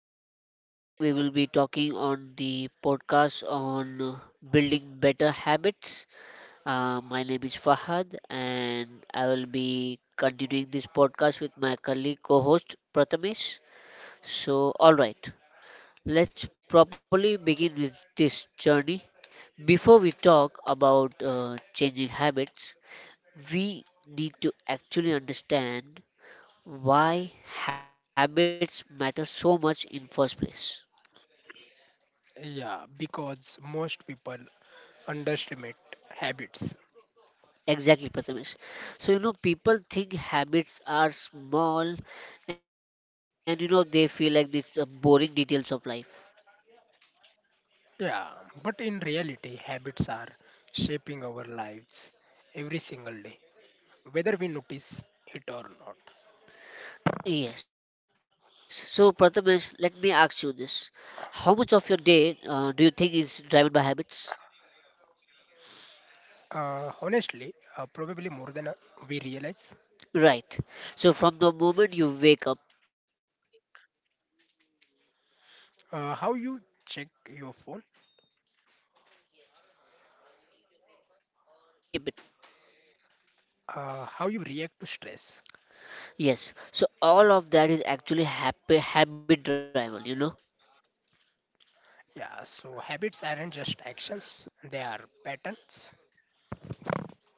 So today we will be talking on the podcast on building better habits. My name is Fahad, and I will be continuing this podcast with my colleague co-host Prathamesh. So all right, let's properly begin with this journey. Before we talk about changing habits, we need to actually understand why habits matter so much in first place. Yeah, because most people underestimate habits. Exactly, Prathamesh. So, people think habits are small, and, they feel like these are boring details of life. Yeah, but in reality, habits are shaping our lives every single day, whether we notice it or not. Yes. So, Prathamesh, let me ask you this. How much of your day do you think is driven by habits? Honestly, probably more than we realize. Right. So, from the moment you wake up, How you check your phone, yes, and how you eat your breakfast or even skip it. How you react to stress. Yes. So, all of that is actually habit driven. Yeah, so habits aren't just actions, they are patterns.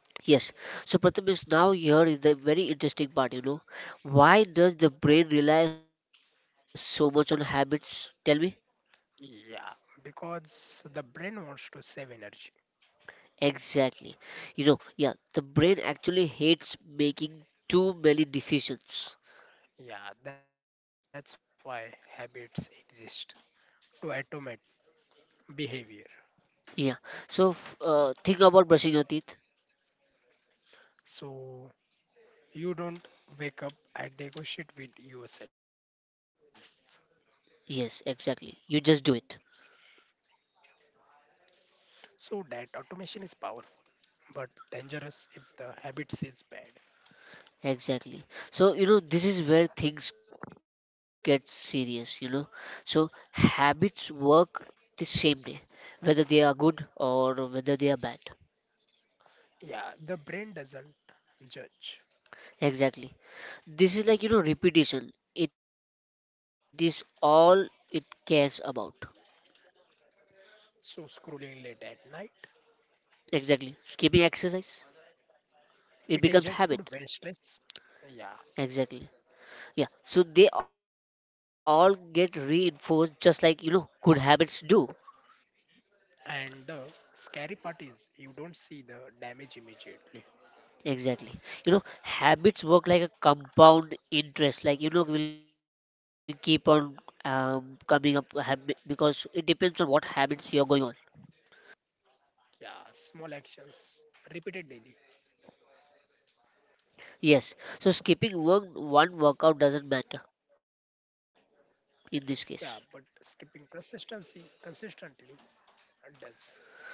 Yes. So Pratham is now here is the very interesting part. Why does the brain rely so much on habits? Tell me. Yeah, because the brain wants to save energy. Exactly. Yeah, the brain actually hates making too many decisions. Yeah, that's why habits exist to automate behavior. Yeah. So think about brushing your teeth. So you don't wake up and negotiate with yourself. Yes, exactly. You just do it. So that automation is powerful but dangerous if the habits is bad. Exactly. So, this is where things get serious. So habits work the same day, whether they are good or whether they are bad. Yeah, the brain doesn't judge. Exactly. This is like, repetition. It is all it cares about. So scrolling late at night, Exactly. Skipping exercise, it eating junk becomes food habit. when stressed. Yeah, Exactly. Yeah. So they all get reinforced just like, good habits do. and the scary part is you don't see the damage immediately. Exactly. Habits work like a compound interest, like, will keep on coming up because it depends on what habits you're going on. Yeah, small actions repeated daily. Yes. So skipping one workout doesn't matter in this Yeah, case. but skipping consistency consistently does.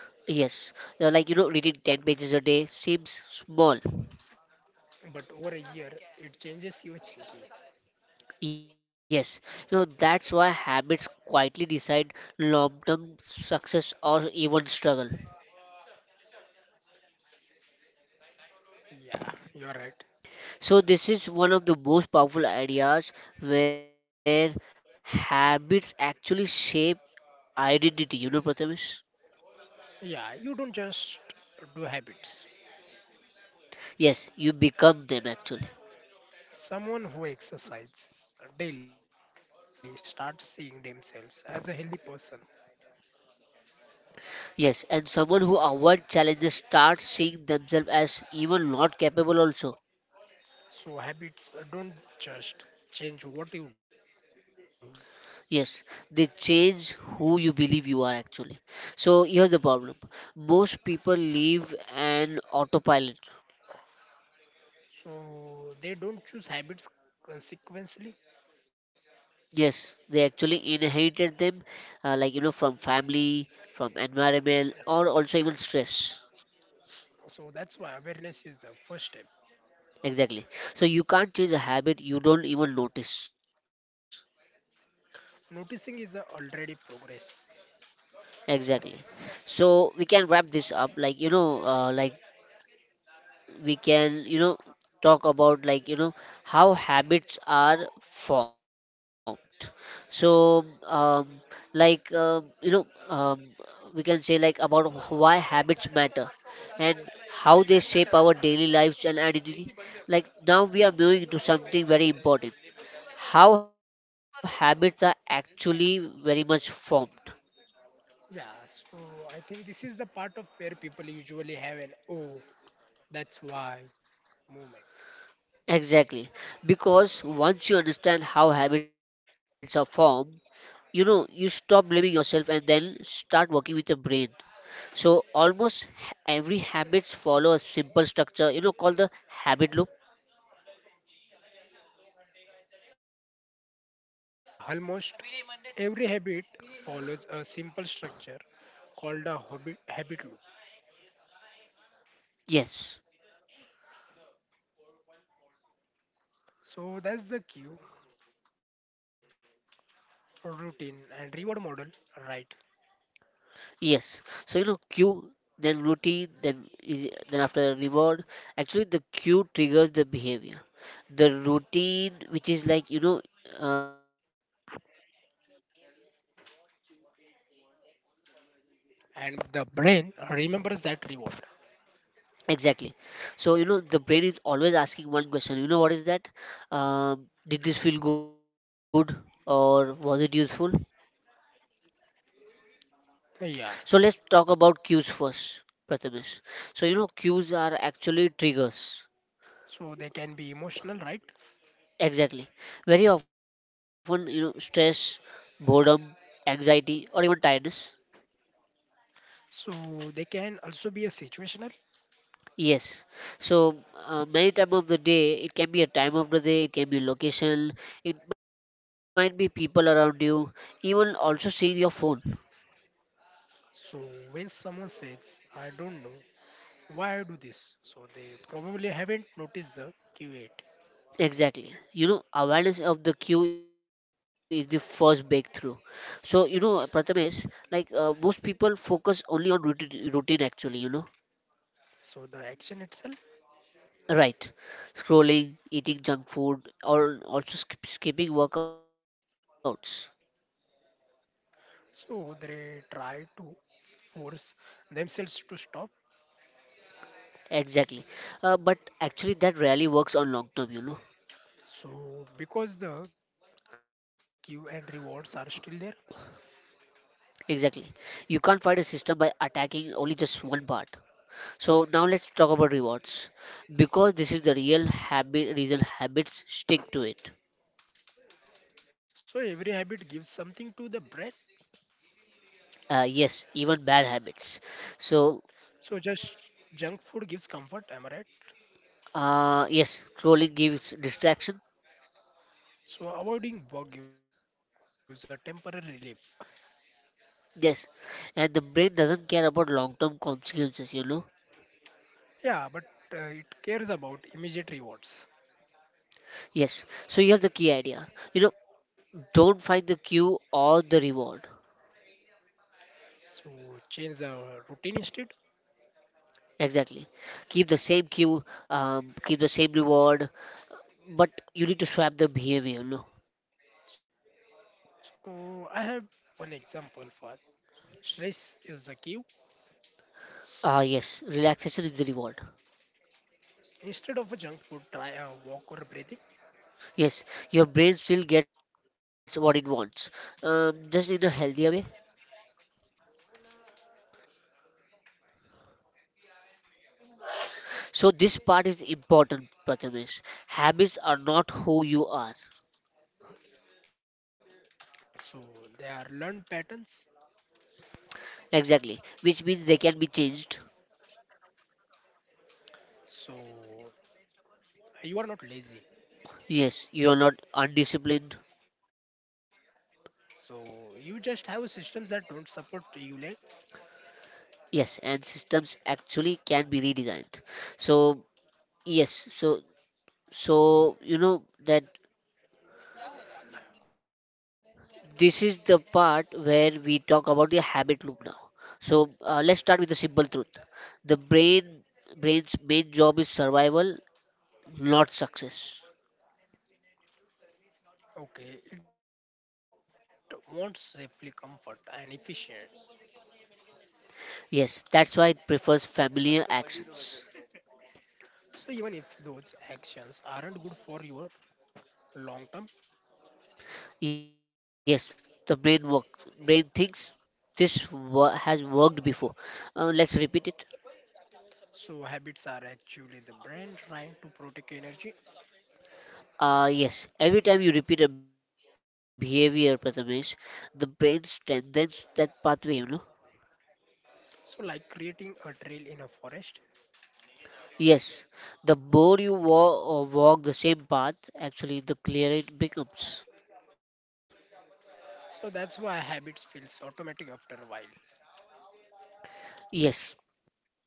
Yes, like reading 10 pages a day seems small. But over a year, it changes your thinking. Yes, that's why habits quietly decide long term success or even struggle. Yeah, you're right. So, this is one of the most powerful ideas where habits actually shape identity, Prathamesh? Yeah, you don't just do habits. Yes, you become them actually. Someone who exercises daily starts seeing themselves as a healthy person. Yes, and someone who avoids challenges starts seeing themselves as even not capable also. So habits don't just change what you do. Yes, they change who you believe you are actually. So here's the problem. Most people live an autopilot. So they don't choose habits consequently. Yes, they actually inherited them, like from family, from environment, or also even stress. So that's why awareness is the first step. Exactly. So you can't change a habit you don't even notice. Noticing is a already progress. Exactly. So we can wrap this up, like like we can talk about like how habits are formed so like um, we can say like about why habits matter and how they shape our daily lives and identity. Like now we are moving to something very important: how habits are actually very much formed. Yeah, so I think this is the part of where people usually have an oh, that's why moment. Exactly, because once you understand how habits are formed, you stop blaming yourself and then start working with your brain. So almost every habits follow a simple structure called the habit loop. Yeah, almost every habit follows a simple structure called a habit loop. Yes. So that's the cue, routine, and reward model, right? Yes, so cue then routine then after reward, actually. The cue triggers the behavior, the routine, which is like is also a behavior, and the reward is what your brain gets from it. And the brain remembers that reward. Exactly. So, the brain is always asking one question. You know what is that? Did this feel good or was it useful? Yeah, So, let's talk about cues first, Prathamesh. So, cues are actually triggers. so they can be emotional, right? Exactly. Very often, stress, boredom, anxiety, or even tiredness. So they can also be a situational. Yes. So, many time of the day, it can be a time of the day, it can be location, it might be people around you, even also seeing your phone. So when someone says, I don't know, why I do this. So they probably haven't noticed the Q8. Exactly. Awareness of the queue is the first breakthrough. So, Prathamesh, like most people focus only on routine actually. So the action itself. Right. Scrolling, eating junk food, or also skipping workouts. So they try to force themselves to stop. Exactly. But actually, that rarely works on long term. So because the cue and rewards are still there. Exactly. You can't fight a system by attacking only just one part. So, now let's talk about rewards because this is the real habit reason habits stick to it. So every habit gives something to the brain. Yes, even bad habits. So, So just junk food gives comfort, am I right? Yes, scrolling gives distraction. So avoiding bug gives a temporary relief. Yes, and the brain doesn't care about long term consequences. Yeah, but it cares about immediate rewards. Yes, so here's the key idea you know, don't find the cue or the reward. So change the routine instead. Exactly. Keep the same cue, keep the same reward, but you need to swap the behavior. So I have one example for stress is a cue. Ah, yes, relaxation is the reward. Instead of a junk food, try a walk or breathing. Yes, your brain still gets what it wants, just in a healthier way. So this part is important, Prathamesh. Habits are not who you are. So they are learned patterns. Exactly. Which means they can be changed. So you are not lazy. Yes, you are not undisciplined. So you just have systems that don't support you late. Yes, and systems actually can be redesigned. So yes, so that this is the part where we talk about the habit loop now. So let's start with the simple truth. The brain's main job is survival, not success. Okay, it wants safely comfort and efficiency. Yes, that's why it prefers familiar actions. So even if those actions aren't good for your long term, Yes, the brain works. Brain thinks this has worked before. Let's repeat it. so habits are actually the brain trying to protect energy. Yes, every time you repeat a behavior, Prathamesh, the brain strengthens that pathway. So, like creating a trail in a forest. Yes, the more you walk, or walk the same path, actually, the clearer it becomes. So, that's why habits feels automatic after a while. Yes,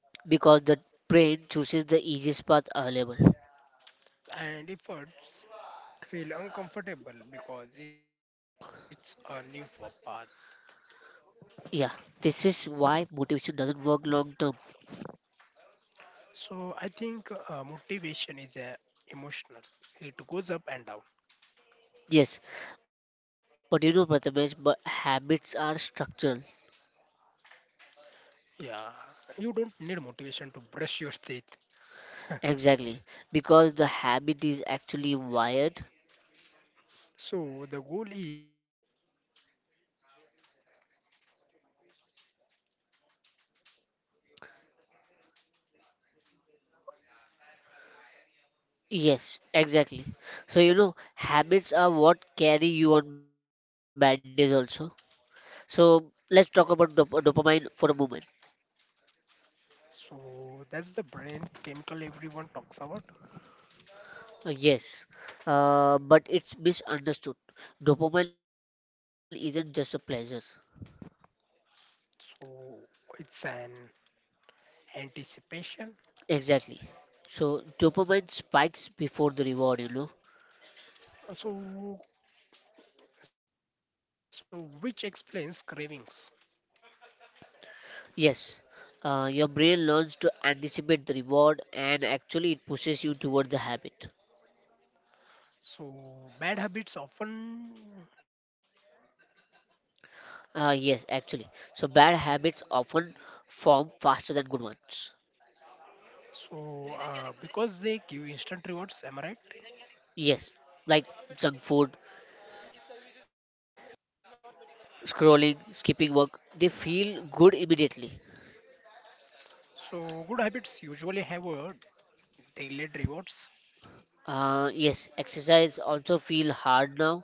because the brain chooses the easiest path available. And efforts feel uncomfortable because it's a path. Yeah, this is why motivation doesn't work long term. So, I think motivation is a emotional. It goes up and down. Yes, but Prathamesh, but habits are structural. Yeah, you don't need motivation to brush your teeth. Exactly, because the habit is actually wired. So, the goal is to build systems that work even when motivation is low. Yes, exactly. So habits are what carry you on bad days also. So let's talk about dopamine for a moment. So, that's the brain chemical everyone talks about. Yes, but it's misunderstood. Dopamine isn't just a pleasure. So it's an anticipation. Exactly. So dopamine spikes before the reward. So which explains cravings. Yes, your brain learns to anticipate the reward and actually it pushes you toward the habit. So bad habits often Yes, actually. So bad habits often form faster than good ones. so because they give instant rewards, am I right? Yes, like junk food, scrolling, skipping work, they feel good immediately. So good habits usually have a delayed rewards. Yes, exercise also feel hard now,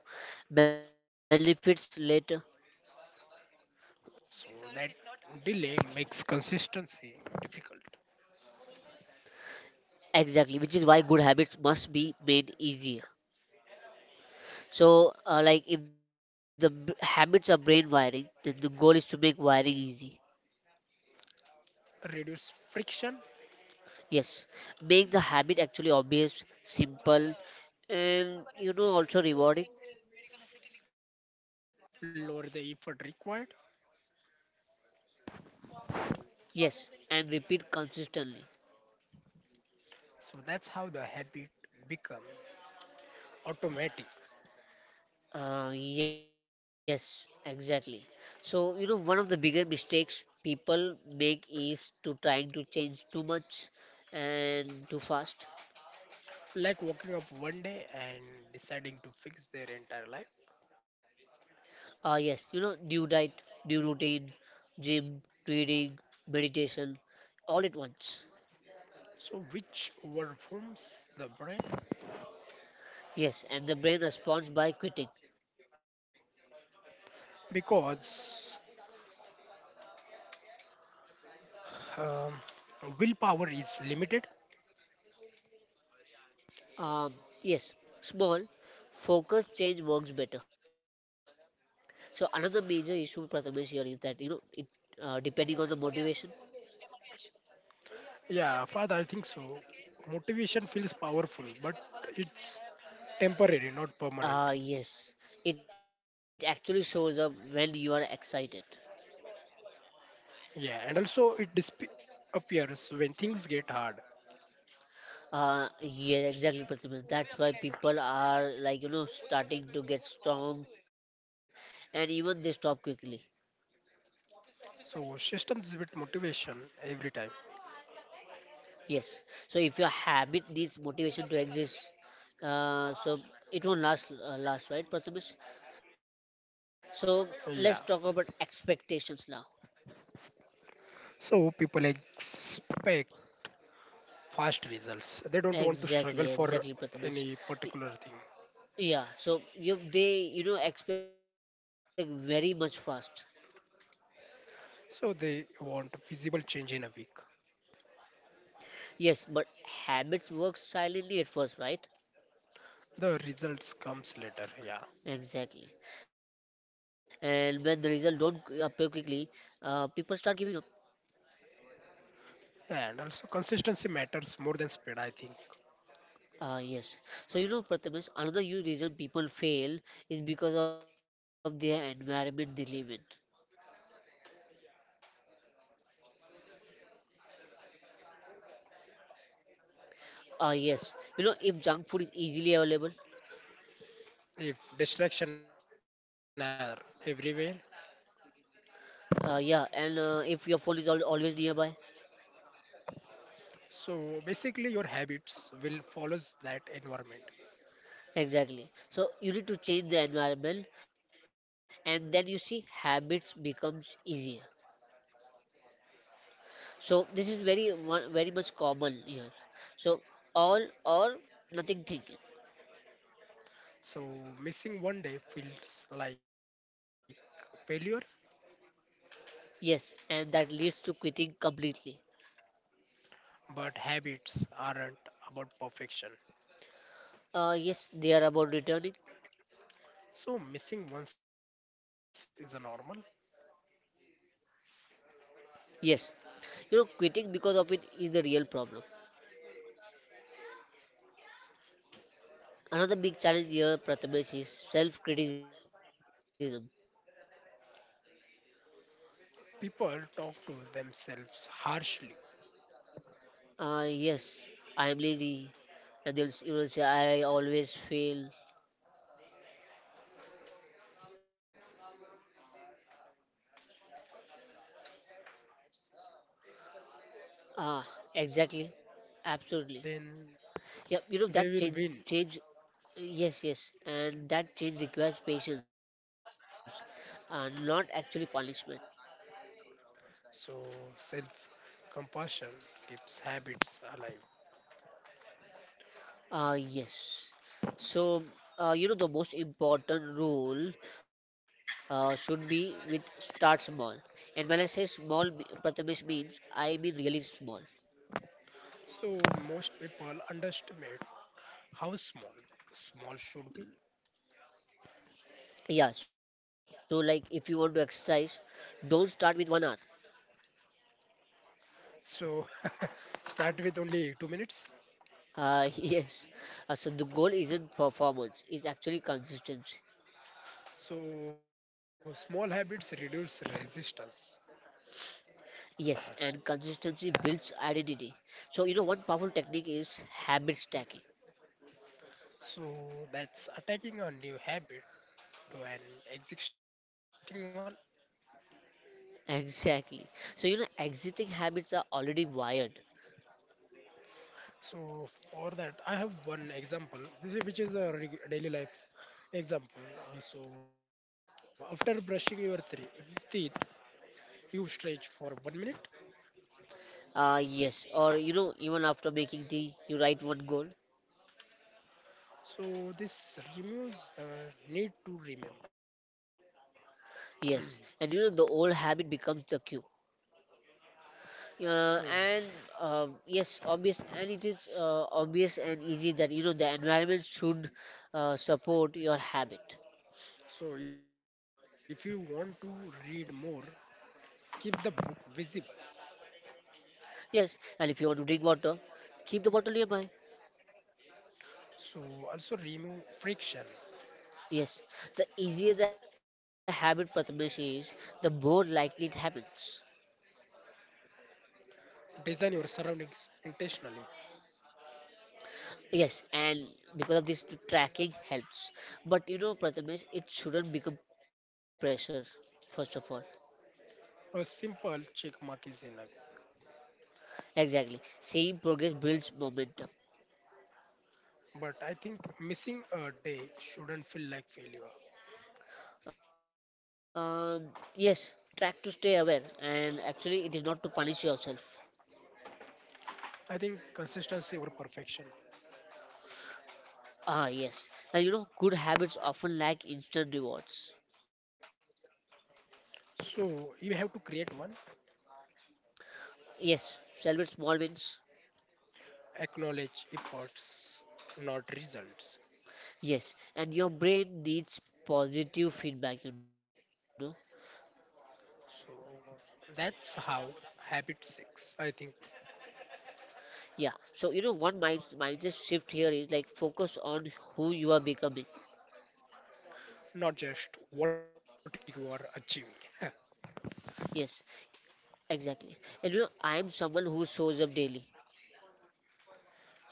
benefits later. So that delay makes consistency difficult. Exactly, which is why good habits must be made easier. So, like if the habits are brain wiring, then the goal is to make wiring easy. Reduce friction, Yes, make the habit actually obvious, simple, and also rewarding. lower the effort required. Yes, and repeat consistently. So that's how the habit become automatic. Yes, exactly. So, one of the bigger mistakes people make is to trying to change too much and too fast. Like waking up one day and deciding to fix their entire life. Ah, yes, new diet, new routine, gym, reading, meditation, all at once. So, which overwhelms the brain Yes, and the brain responds by quitting. because um, willpower is limited. Um, yes, small, focused change works better. So another major issue, Prathamesh, here is that it depending on the motivation. Yeah, father, I think so. Motivation feels powerful, but it's temporary, not permanent. Yes, it actually shows up when you are excited. Yeah, and also it disappears when things get hard. Yeah, exactly, Prathamesh. That's why people are like starting to get strong, and even they stop quickly. So, systems with motivation every time. Yes. So if your habit needs motivation to exist, so it won't last, right, Prathamesh? So let's talk about Yeah. expectations now. So people expect fast results. They Exactly, don't want to exactly, struggle Prathamesh. for Y- any particular Yeah. thing. So you they you know expect very much fast. So they want visible change in a week. Yes, but habits work silently at first, right? The results comes later, Exactly. yeah. And when the result don't appear quickly, people start giving up. And also consistency matters more than speed, I think. Ah, yes. So, Prathamesh, another huge reason people fail is because of their environment they live in. Yeah, you are right. Environment shapes behavior more than willpower. Ah, yes. If junk food is easily available, If distraction are everywhere, yeah, and if your phone is al always nearby, so basically your habits will follows that environment. exactly. So, you need to change the environment, and then you see habits becomes easier. So, this is very, very much common here. So, all or nothing thinking. So missing one day feels like failure. Yes, and that leads to quitting completely. But habits aren't about perfection. Yes, they are about returning. So missing once is a normal. Yes, quitting because of it is the real problem. Another big challenge here, Prathamesh, is self criticism. People talk to themselves harshly. Yes, I am lazy, and they'll say, I always fail. I think for that's mindset kills the Ah, exactly, progress because people is absolutely. having the strong Yeah, mindset, that then change, they will win. yes, yes, and that change requires patience, not actually punishment. So self compassion keeps habits alive. Yes. So, the most important rule should be with start small. And when I say small, Prathamesh, means I mean really small. So most people underestimate how small small should be. Yeah, so like if you want to exercise, don't start with 1 hour. So start with only 2 minutes. Yes. So the goal isn't performance, it's actually consistency. So, small habits reduce resistance. Yes, and consistency builds identity. So, one powerful technique is habit stacking. So, that's attacking a new habit to an existing one. Exactly. So, existing habits are already wired. So, for that, I have one example, this is, which is a daily life example. So, after brushing your three teeth, you stretch for 1 minute. Yes. Or, even after making tea, you write one goal. So, this removes the need to remember. Yes. And, the old habit becomes the cue. Uh, and, So, yes, obvious. And it is obvious and easy that, the environment should support your habit. so if you want to read more, keep the book visible. Yes. And if you want to drink water, keep the bottle nearby. So, also remove friction. Yes. The easier the habit, Prathamesh, is, the more likely it happens. Design your surroundings intentionally. Yes, and because of this, the tracking helps. But you know, Prathamesh, it shouldn't become pressure, first of all. A simple check mark is enough. Exactly. Seeing progress builds momentum. But I think missing a day shouldn't feel like failure. Um, yes, track to stay aware, and actually, it is not to punish yourself. I think consistency over perfection. Ah, yes. And you know, good habits often lack instant rewards. So you have to create one, Yes, celebrate small wins. acknowledge efforts, not results. Yes, and your brain needs positive feedback, you know. So that's how habit six, I think, Yeah, so you know, one mindset shift here is like focus on who you are becoming. not just what you are achieving. Yes, exactly. And you know, I am someone who shows up daily.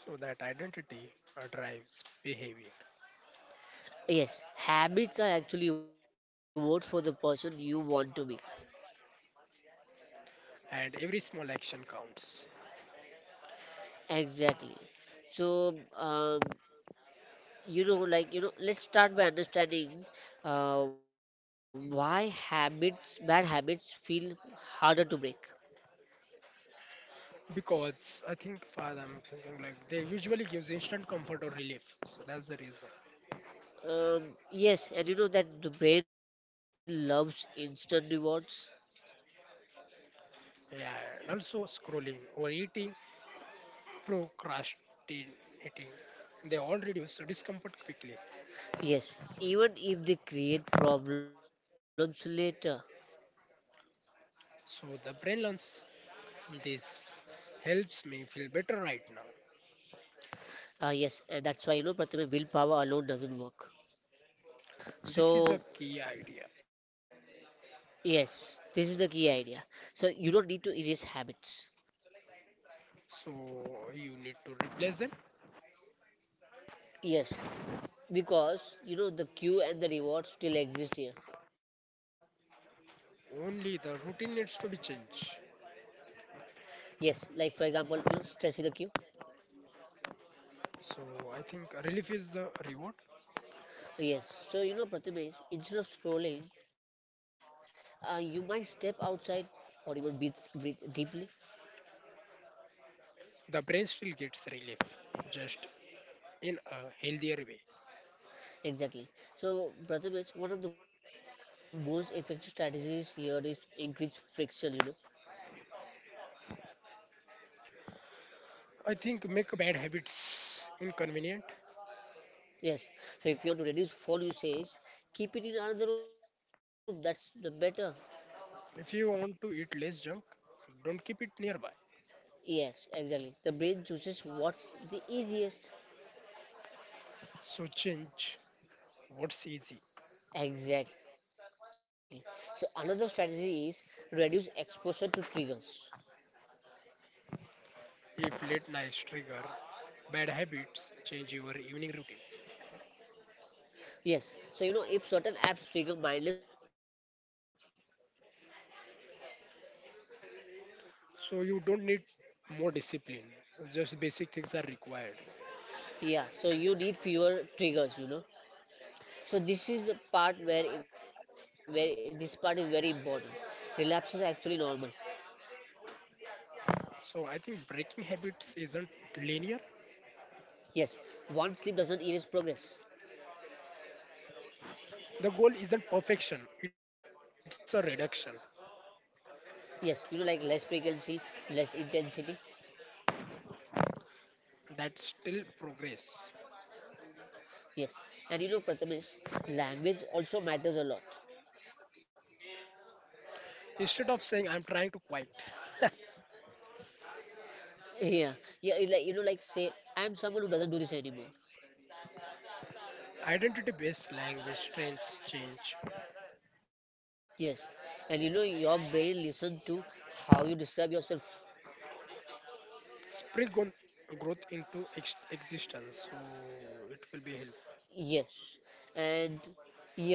So that identity drives behavior, Yes, habits are actually votes for the person you want to be. and every small action counts. Exactly. So, you know, let's start by understanding why bad habits, feel harder to break. Because I think father, I'm thinking like they usually gives instant comfort or relief. So that's the reason. Yes, and you know that the brain loves instant rewards. Yeah, and also scrolling, overeating, procrastinating. They all reduce discomfort quickly. Yes, even if they create problems later. So the brain learns this helps me feel better right now. Ah, yes, and that's why you know, Prathamesh, willpower alone doesn't work. So, This is a key idea. yes, this is the key idea. So, you don't need to erase habits. So you need to replace them. Yes, because you know the cue and the reward still exist here. Only the routine needs to be changed. Yes, like for example, you know, stress is the cue. So I think relief is the reward. Yes, so you know, Prathamesh, instead of scrolling, you might step outside or even breathe deeply. The brain still gets relief, just in a healthier way. Exactly. So, Prathamesh, one of the most effective strategies here is increase friction, you know. I think make bad habits inconvenient. Yes. So, if you want to reduce phone usage, keep it in another room. That's the better. If you want to eat less junk, don't keep it nearby. Yes, exactly. The brain chooses what's the easiest. So change what's easy. Exactly. So, another strategy is reduce exposure to triggers. If late nights trigger bad habits, change your evening routine. Yes. So, you know, if certain apps trigger mindless scrolling, you need to have limit access. So you don't need more discipline. Just basic things are required. Yeah. So, you need fewer triggers, you know. So this is the part where this part is very important. Relapses are actually normal. So I think breaking habits isn't linear. Yes, one sleep doesn't erase progress. The goal isn't perfection, it's a reduction. Yes, you know, like less frequency, less intensity. That's still progress. Yes, and you know, Prathamesh, language also matters a lot. Instead of saying I'm trying to quiet, Yeah yeah it like you know, like say, I'm someone who doesn't do this anymore. identity based language trends change. Yes, and you know, your brain listen to how you describe yourself. Spring on growth into existence, so it will be helpful. Yes, and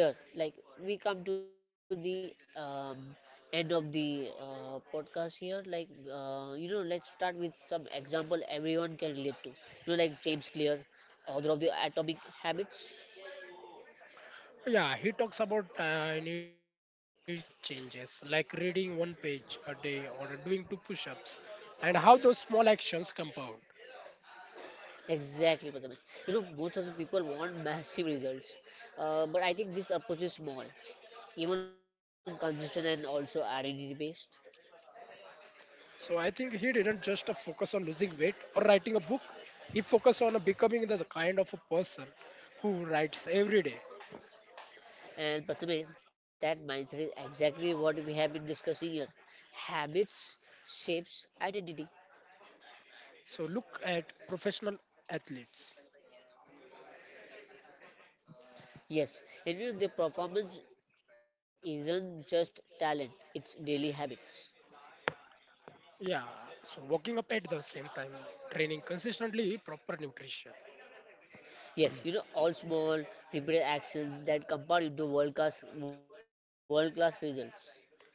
here, like we come to the end of the podcast here. Like you know, let's start with some example everyone can relate to. You know, like James Clear, author of the Atomic Habits. Yeah, he talks about tiny changes like reading one page a day or doing two push ups and how those small actions compound. Exactly, Prathamesh. You know, most of the people want massive results, but I think this approach is small, even consistent and also identity based. So I think he didn't just focus on losing weight or writing a book. He focused on becoming the kind of a person who writes every day. And Prathamesh, that mindset is exactly what we have been discussing here. Habits shapes identity. So look at professional athletes. Yes, and you know, the performance isn't just talent, it's daily habits. Yeah, so waking up at the same time, training consistently, proper nutrition, Yes, you know, all small, repeated actions that compound into world class and results. even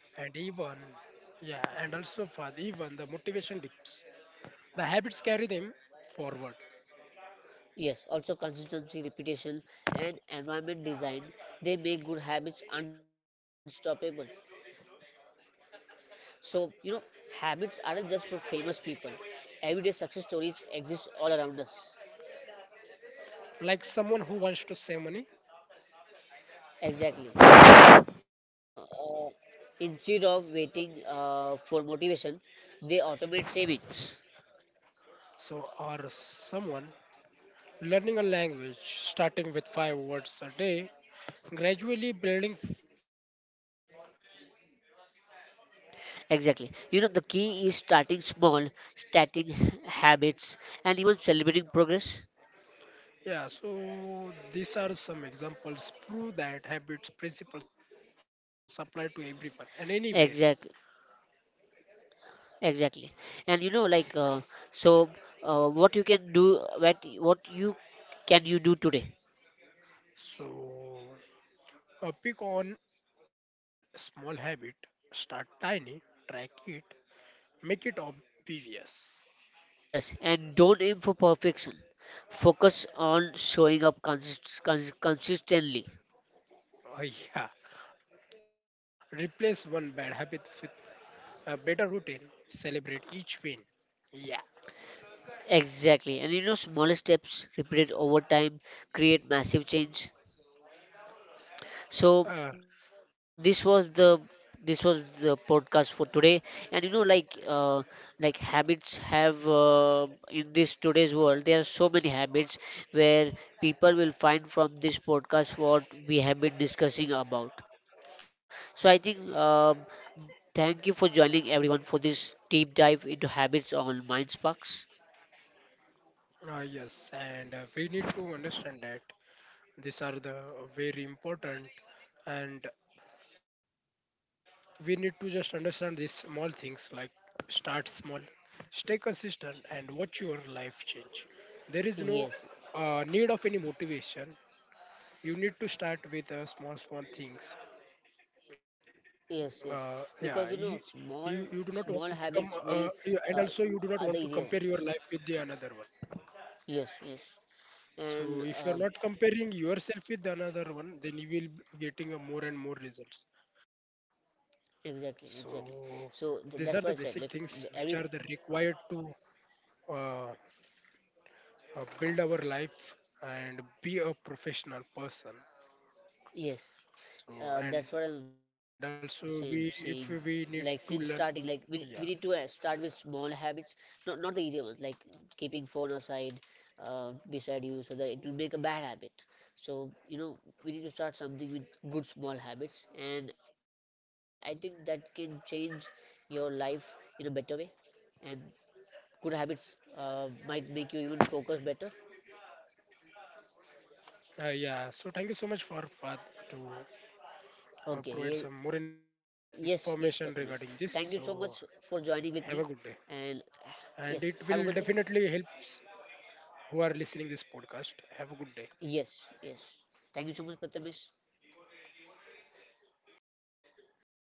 yeah, and also for even the motivation dips. The habits carry them forward. Yes, also consistency, repetition, and environment design, they make good habits unstoppable. So, you know, habits aren't just for famous people. Everyday success stories exist all around us. Like someone who wants to save money, Exactly. You know, instead of waiting for motivation, they automate savings. so or someone learning a language, starting with five words a day, gradually building fluency. Exactly. You know, the key is starting small, starting habits, and even celebrating progress. Yeah, so these are some examples prove that habits, principles apply to everyone and anywhere. Exactly. Exactly. And you know, like, so what you can do, what you can you do today? So, pick on small habit, start tiny, track it, make it obvious. Yes, and don't aim for perfection. Focus on showing up consistently. Yeah, replace one bad habit with a better routine, celebrate each win. Yeah. Exactly. And you know, smaller steps repeated over time create massive change. So Uh, this was the podcast for today, and you know, like habits have in this today's world, there are so many habits where people will find from this podcast what we have been discussing about. So I think thank you for joining everyone for this deep dive into habits on Mind Sparks. Yes, and we need to understand that these are the very important and we need to just understand these small things like start small, stay consistent and watch your life change. There is no Yes, need of any motivation. You need to start with small things. yes, yes. Uh, Because yeah, you know, you, you small you do not want small to become habits will and uh, also you do are not the want to easier compare ones. your life with the another one, Yes, yes. so And if you are not comparing yourself with another one, then you will be getting a more and more results. exactly, exactly. So So these th are the that's what I basic said. Like things which are every the required to uh, build our life and be a professional person. yes, So and that's what I'm also we if saying. we need Like to since learn, starting, like we yeah, need to start with small habits, not the easier ones, like keeping phone aside, beside you, so that it will make a bad habit. So you know we need to start something with good small habits, and I think that can change your life in a better way. And good habits might make you even focus better. Yeah. So thank you so much for Fad to provide Okay, some more yes, yes, information regarding Prathamesh. this. Thank you so So much for joining have a with me. good day, And and it yes, will have a good day. definitely helps who are listening this podcast. Have a good day. Yes, yes. Thank you so much, Prathamesh.